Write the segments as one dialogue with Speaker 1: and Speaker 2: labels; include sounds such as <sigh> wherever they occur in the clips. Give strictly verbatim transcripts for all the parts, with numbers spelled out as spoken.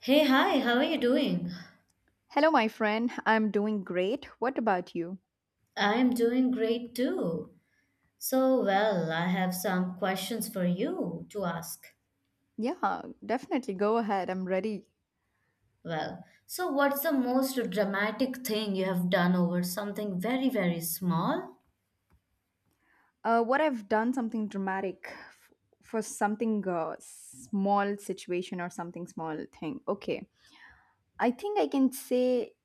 Speaker 1: Hey, hi, how are you doing?
Speaker 2: Hello, my friend. I'm doing great. What about you?
Speaker 1: I'm doing great too. So, well, I have some questions for you to ask.
Speaker 2: Yeah, definitely. Go ahead. I'm ready.
Speaker 1: Well, so what's the most dramatic thing you have done over something very, very small?
Speaker 2: Uh, what I've done something dramatic f- for something uh, small situation or something small thing. Okay. I think I can say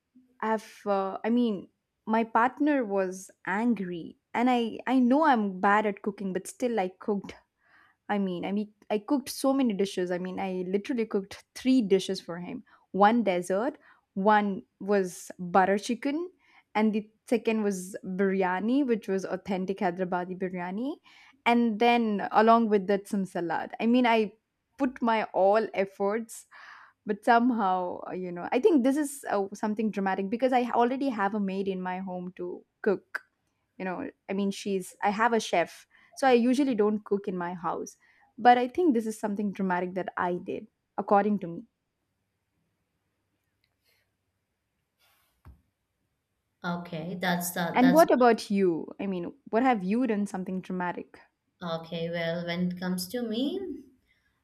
Speaker 2: I've, uh, I mean, my partner was angry and I, I know I'm bad at cooking, but still I cooked I mean, I mean, I cooked so many dishes. I mean, I literally cooked three dishes for him. One dessert, one was butter chicken, and the second was biryani, which was authentic Hyderabadi biryani, and then along with that some salad. I mean, I put my all efforts, but somehow, uh, you know, I think this is uh, something dramatic because I already have a maid in my home to cook you know I mean she's I have a chef, so I usually don't cook in my house, but I think this is something dramatic that I did, according to me.
Speaker 1: Okay, that's that,
Speaker 2: And
Speaker 1: that's
Speaker 2: what about you? I mean, what have you done something dramatic?
Speaker 1: okay. Well, when it comes to me,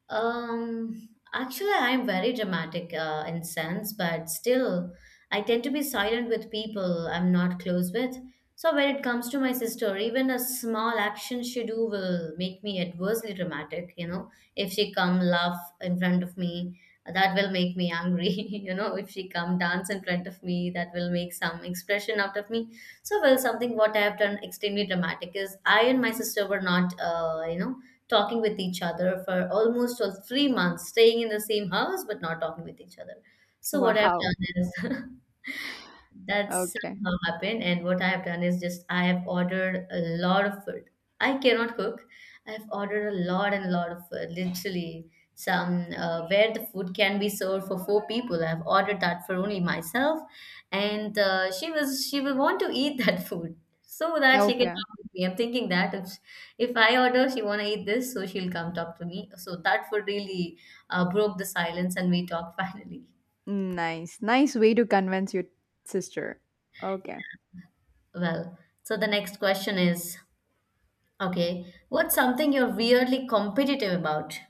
Speaker 1: Um, actually, I'm very dramatic uh, in sense, but still, I tend to be silent with people I'm not close with. So when it comes to my sister, even a small action she do will make me adversely dramatic. You know, if she come laugh in front of me, that will make me angry. <laughs> you know, if she come dance in front of me, that will make some expression out of me. So well, something what I have done extremely dramatic is I and my sister were not, uh, you know talking with each other for almost all three months, staying in the same house but not talking with each other. So what I've
Speaker 2: Wow.
Speaker 1: done is <laughs> that's
Speaker 2: Okay.
Speaker 1: somehow happened, and what I have done is just I have ordered a lot of food. I cannot cook. I've ordered a lot and a lot of food. Literally, some uh, where the food can be served for four people. I've ordered that for only myself, and uh, she was she will want to eat that <laughs> food so that she can
Speaker 2: Okay.
Speaker 1: talk with me. I'm thinking that if if I order, she wanna eat this, so she'll come talk to me. So that food really uh, broke the silence, and we talked <laughs> finally.
Speaker 2: Nice, nice way to convince your sister. Okay,
Speaker 1: Well, so the next question is, okay. What's something you're weirdly competitive about?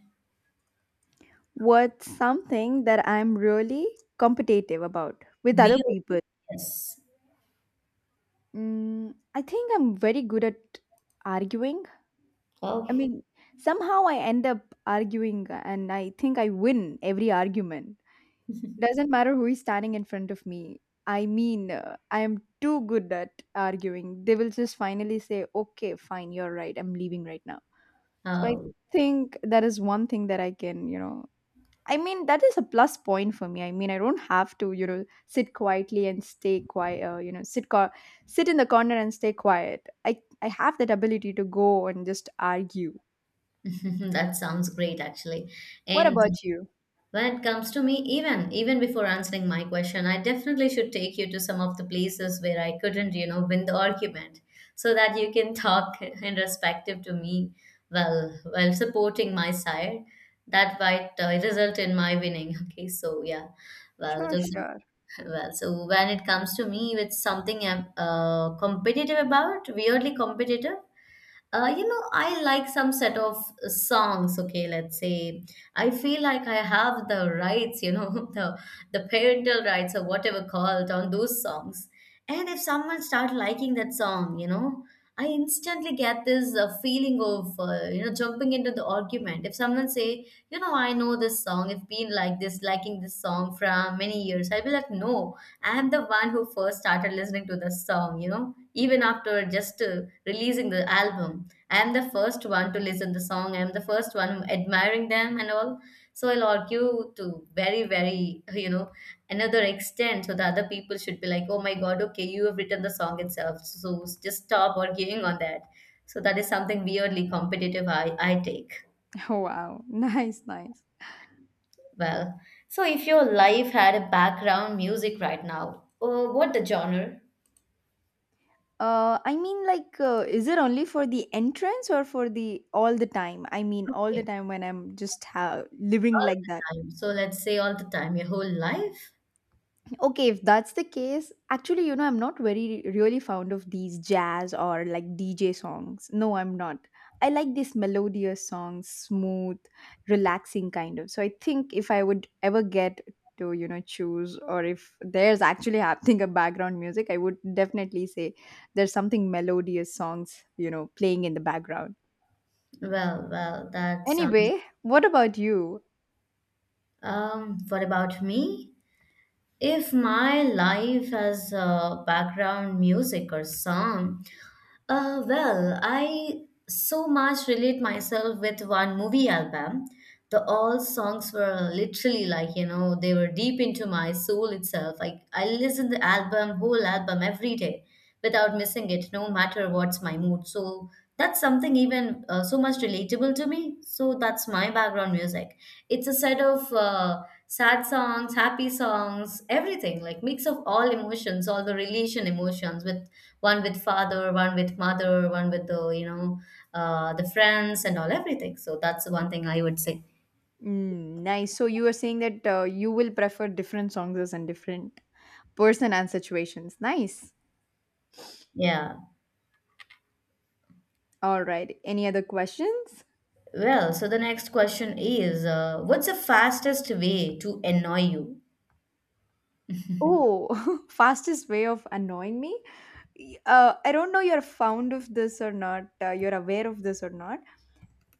Speaker 2: what's something that I'm really competitive about with other
Speaker 1: Weirdly,
Speaker 2: people?
Speaker 1: yes.
Speaker 2: mm, I think I'm very good at arguing. I
Speaker 1: Oh,
Speaker 2: mean, somehow I end up arguing and I think I win every argument. Doesn't matter who is standing in front of me. I mean, uh, I am too good at arguing. They will just finally say, okay, fine, you're right. I'm leaving right now. So I
Speaker 1: oh,
Speaker 2: think that is one thing that I can, you know, I mean, that is a plus point for me. I mean, I don't have to, you know, sit quietly and stay quiet, uh, you know, sit, co- sit in the corner and stay quiet. I, I have that ability to go and just argue.
Speaker 1: <laughs> that sounds great actually.
Speaker 2: What
Speaker 1: And
Speaker 2: about you?
Speaker 1: when it comes to me, even even before answering my question, I definitely should take you to some of the places where I couldn't, you know, win the argument, so that you can <laughs> talk in respective to me while while supporting my side. That might uh, result in my winning. <laughs> Okay, so yeah, well,
Speaker 2: Sure,
Speaker 1: those.
Speaker 2: sure.
Speaker 1: Well, so when it comes to me, it's something I'm uh, competitive about, weirdly competitive. Uh, you know, I like some set of songs. Okay, let's say I feel like I have the rights, you know, <laughs> the the parental rights or whatever called on those songs. And if someone start liking that song, you know, I instantly get this uh, feeling of uh, you know jumping into the argument. If someone say, you know, I know this song, I've been like this, liking this song from many years, I'll be like, no, I'm the one who first started listening to the song, you know, even after just uh, releasing the album. I'm the first one to listen the song. I'm the first one admiring them and all. So I'll argue to very, very, you know, another extent. So the other people should be like, oh my God, okay, you have written the song itself. So just stop arguing on that. So that is something weirdly competitive I, I take.
Speaker 2: <laughs> Wow, nice, nice.
Speaker 1: Well, so if your life had a background music right now, uh, what the genre?
Speaker 2: Uh, I mean, like, uh, is it only for the entrance or for the all the time? I mean, all the
Speaker 1: Okay,
Speaker 2: time when I'm just ha living
Speaker 1: all
Speaker 2: like that.
Speaker 1: the time. So let's say all the time, your whole life.
Speaker 2: Okay, if that's the case, actually, you know, I'm not very really fond of these jazz or like D J songs. No, I'm not. I like these melodious songs, smooth, relaxing kind of. So I think if I would ever get to, you know, choose or if there's actually happening a background music, I would definitely say there's something melodious songs, you know, playing in the background.
Speaker 1: Well, well, that sounds.
Speaker 2: Anyway, what about you?
Speaker 1: Um, what about me? If my life has uh, background music or song, uh, well, I so much relate myself with one movie album. The all songs were literally like you know they were deep into my soul itself. Like I listen the album, whole album every day, without missing it, no matter what's my mood. So that's something even uh, so much relatable to me, so that's my background music. It's a set of uh, sad songs, happy songs, everything, like mix of all emotions, all the relation emotions with one with father, one with mother, one with the you know uh, the friends and all, everything. So that's the one thing I would say.
Speaker 2: Mm, nice. So you were saying that uh, you will prefer different songs and different person and situations. Nice.
Speaker 1: Yeah,
Speaker 2: All right. Any other questions?
Speaker 1: well, so the next question is, uh, what's the fastest way to annoy you?
Speaker 2: Oh, <laughs> fastest way of annoying me? Y- Uh, I don't know you're fond of this or not, uh, you're aware of this or not.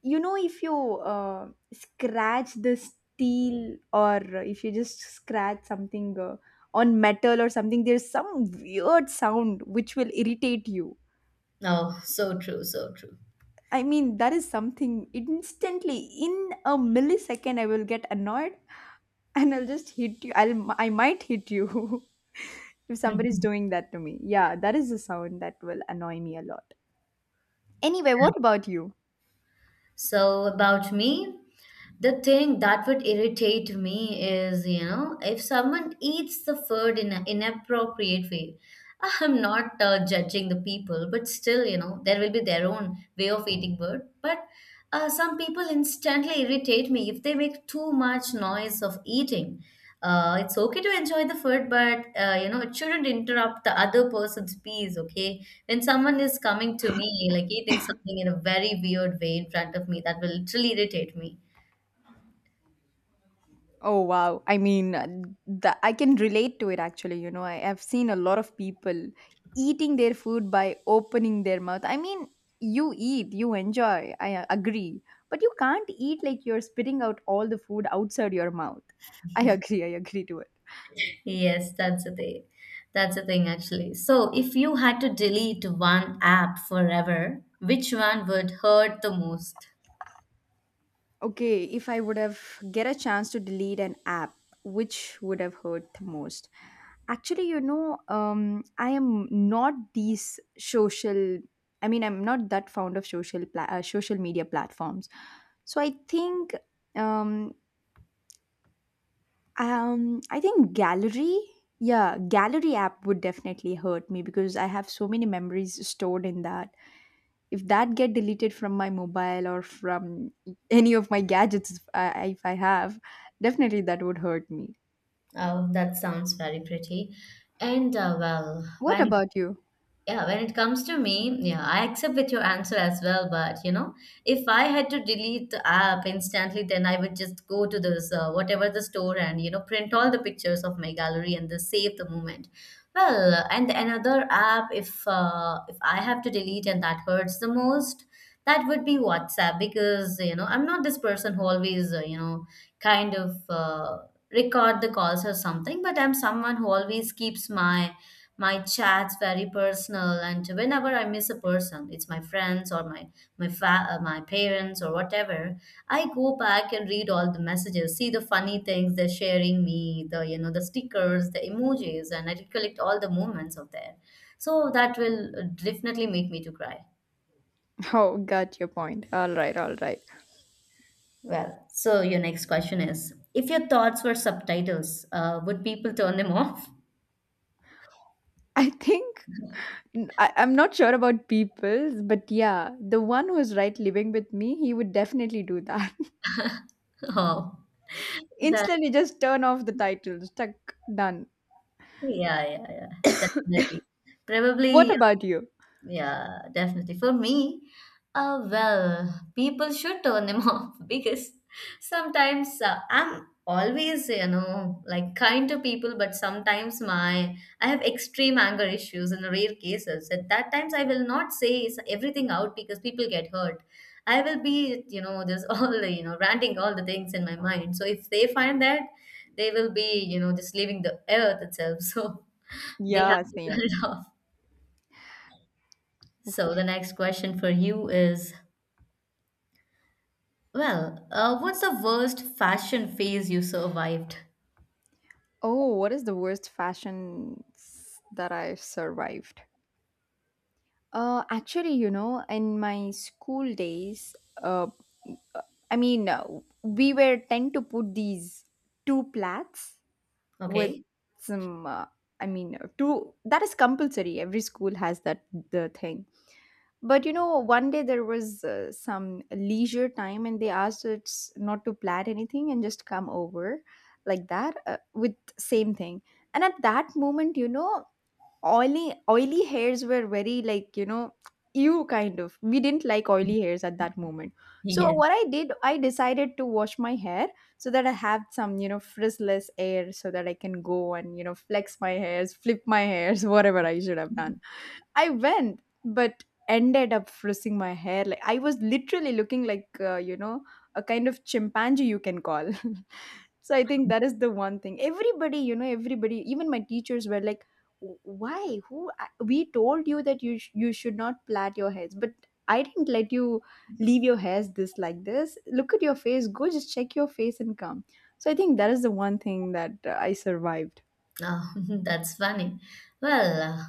Speaker 2: You know, if you uh, scratch the steel or if you just scratch something uh, on metal or something, there's some weird sound which will irritate you.
Speaker 1: Oh, so true, so true.
Speaker 2: I mean, that is something instantly in a millisecond, I will get annoyed and I'll just hit you. I'll I might hit you <laughs> if somebody's
Speaker 1: <laughs>
Speaker 2: doing that to me. Yeah, that is a sound that will annoy me a lot. Anyway, what about you?
Speaker 1: So about me, the thing that would irritate me is, you know, if someone eats the food in an inappropriate way. Ah, I'm not uh, judging the people, but still, you know, there will be their own way of eating food. But uh, some people instantly irritate me if they make too much noise of eating. Uh, it's okay to enjoy the food, but uh, you know, it shouldn't interrupt the other person's peace, okay? When someone is coming to me, like eating something in a very weird way in front of me, that will literally irritate me.
Speaker 2: Oh wow! I mean, uh, the, I can relate to it actually. You know, I have seen a lot of people eating their food by opening their mouth. I mean, you eat, you enjoy. I uh, agree, but you can't eat like you're spitting out all the food outside your mouth. I <laughs> agree. I agree to it.
Speaker 1: Yes, that's the thing. That's the thing, actually. So, if you had to delete one app forever, which one would hurt the most?
Speaker 2: Okay, if I would have get a chance to delete an app, which would have hurt the most? Actually, you know, um, I am not these social. I mean, I'm not that fond of social pla- uh, social media platforms. So I think, um, um, I think gallery, yeah, gallery app would definitely hurt me because I have so many memories stored in that if that get deleted from my mobile or from any of my gadgets if I, if I have definitely that would hurt me.
Speaker 1: Oh, that sounds very pretty. And uh, well,
Speaker 2: What
Speaker 1: when
Speaker 2: about you?
Speaker 1: yeah, when it comes to me, yeah, I accept with your answer as well. But you know, if I had to delete the app instantly, then I would just go to this uh, whatever the store and you know print all the pictures of my gallery and then save the moment. Well, and another app, if uh, if I have to delete and that hurts the most, that would be WhatsApp because you know I'm not this person who always uh, you know kind of uh, record the calls or something, but I'm someone who always keeps my my chat's very personal, and whenever I miss a person, it's my friends or my my fa- uh, my parents or whatever. I go back and read all the messages, see the funny things they're sharing me, the you know the stickers, the emojis, and I recollect all the moments of there. So that will uh, definitely make me to cry.
Speaker 2: <laughs> Oh, got your point. All right, all right.
Speaker 1: Well, so your next question is: if your thoughts were subtitles, uh, would people turn them off?
Speaker 2: I think I, I'm not sure about people's, but yeah, the one who is right living with me, he would definitely do that.
Speaker 1: <laughs> Oh,
Speaker 2: <laughs>
Speaker 1: that
Speaker 2: Instantly just turn off the titles tuck done.
Speaker 1: yeah, yeah, yeah, definitely.
Speaker 2: What
Speaker 1: Probably.
Speaker 2: about you?
Speaker 1: Yeah, definitely. For me, uh, well, people should turn them <laughs> off because sometimes uh, I'm always, you know, like kind to people, but sometimes my I have extreme anger issues in rare cases. At that times, I will not say s- everything out because people get hurt. I will be, you know, just <laughs> all the, you know, ranting all the things in my mind. So if they find that, they will be, you know, just leaving the earth itself. <laughs> So they have
Speaker 2: Yeah,
Speaker 1: to turn
Speaker 2: same.
Speaker 1: it <laughs> off. So the next question for you is, well, uh, what's the worst fashion phase you survived?
Speaker 2: Oh, what is the worst fashion s- that I've survived? Uh, actually, you know, in my school days, uh, I mean, uh, we were tend to put these two plaits with
Speaker 1: Okay.
Speaker 2: some. Uh, I mean, uh, two. That is compulsory. Every school has that the thing. But you know, one day there was uh, some leisure time, and they asked us not to plat anything and just come over like that uh, with same thing. And at that moment, you know, oily oily hairs were very like, you know, you kind of, we didn't like oily hairs at that moment.
Speaker 1: <laughs>
Speaker 2: So what
Speaker 1: Yes.
Speaker 2: I did, I decided to wash my hair so that I have some, you know, frizzless hair so that I can go and, you know, flex my hairs, flip my hairs, <laughs> whatever I should have done. I went but ended up frizzing my hair. Like, I was literally looking like, uh, you know, a kind of chimpanzee, you can call. <laughs> So I think that is the one thing. Everybody, you know, everybody, even my teachers were like, "Wh- "Why? Who? I- We told you that you sh- you should not plait your hairs, but I didn't let you leave your hairs this like this. Look at your face. Go just check your face and come." So I think that is the one thing that uh, I survived.
Speaker 1: Oh, <laughs> that's funny. Well, uh,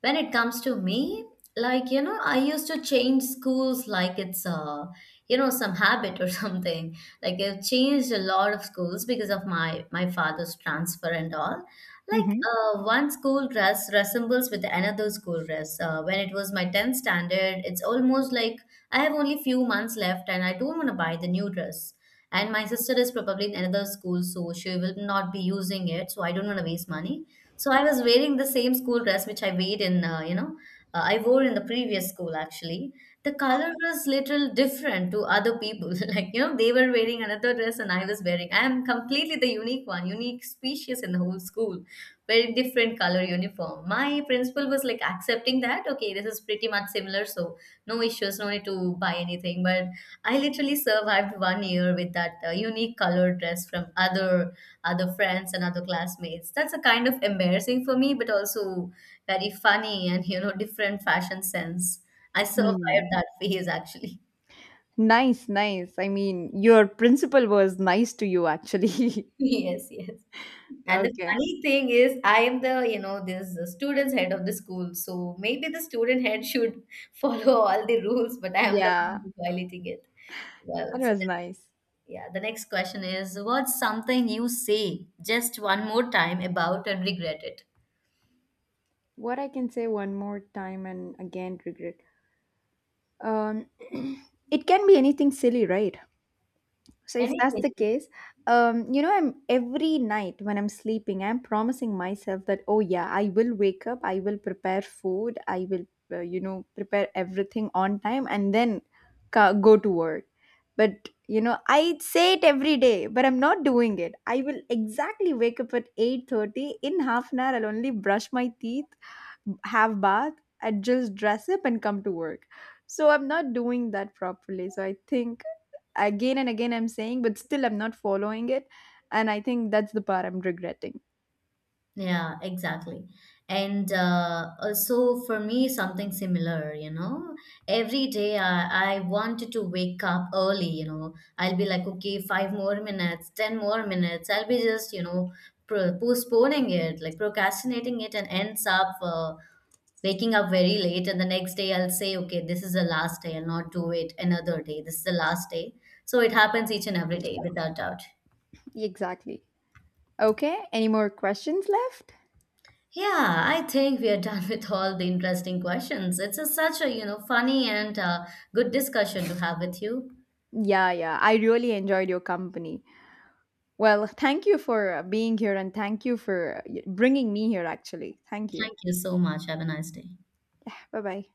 Speaker 1: when it comes to me, like, you know, I used to change schools like it's, uh, you know, some habit or <laughs> something. Like I've changed a lot of schools because of my my father's transfer and all. Like
Speaker 2: Hmm.
Speaker 1: uh, one school dress resembles with another school dress. Uh, when it was my tenth standard, it's almost like I have only few months left and I don't want to buy the new dress. And my sister is probably in another school, so she will not be using it. So I don't want to waste money. So I was wearing the same school dress which I weighed in, uh, you know, uh, I wore in the previous school actually. The color was little different to other people. <laughs> Like, you know, they were wearing another dress and I was wearing. I am completely the unique one, unique species in the whole school, very different color uniform. My principal was like accepting that, okay, this is pretty much similar, so no issues, no need to buy anything. But I literally survived one year with that uh, unique colored dress from other other friends and other classmates. That's a kind of embarrassing for me, but also very funny and you know different fashion sense. I survived
Speaker 2: Hmm.
Speaker 1: that phase actually. <laughs>
Speaker 2: Nice, nice. I mean, your principal was nice to you, actually. <laughs>
Speaker 1: Yes, yes. And the
Speaker 2: Okay.
Speaker 1: funny thing is, I am the you know this student's head of the school, so maybe the student head should <laughs> follow all the rules, but I am the
Speaker 2: Yeah,
Speaker 1: one violating it. Well,
Speaker 2: that
Speaker 1: so.
Speaker 2: was nice.
Speaker 1: Yeah, the next question is what's something you say just one more time about and regret it?
Speaker 2: What I can say one more time and again regret, um, <clears throat> it can be anything silly, right? So if that's the
Speaker 1: Anything.
Speaker 2: case, um, you know, I'm every night when I'm sleeping, I'm promising myself that oh yeah, I will wake up, I will prepare food, I will, uh, you know, prepare everything on time, and then ca- go to work. But you know, I say it every day, but I'm not doing it. I will exactly wake up at eight thirty. In half an hour, I'll only brush my teeth, have bath, I just dress up and come to work. So I'm not doing that properly, so I think again and again I'm saying, but still I'm not following it, and I think that's the part I'm regretting.
Speaker 1: Yeah, exactly. And uh, also for me, something similar, you know, every day I, I wanted to wake up early, you know, I'll be like, okay, five more minutes, ten more minutes. I'll be just, you know, pro postponing it, like procrastinating it, and ends up uh, waking up very late, and the next day I'll say okay, this is the last day, I'll not do it another day, this is the last day. So it happens each and every day without doubt.
Speaker 2: Exactly. Okay, any more questions left?
Speaker 1: Yeah, I think we are <laughs> done with all the interesting questions. It's a, such a, you know, funny and uh, good discussion to have with you.
Speaker 2: Yeah, yeah, I really enjoyed your company. Well, thank you for uh, being here, and thank you for uh, bringing me here, actually. Thank you.
Speaker 1: Thank you so much. Have a nice day.
Speaker 2: Bye bye.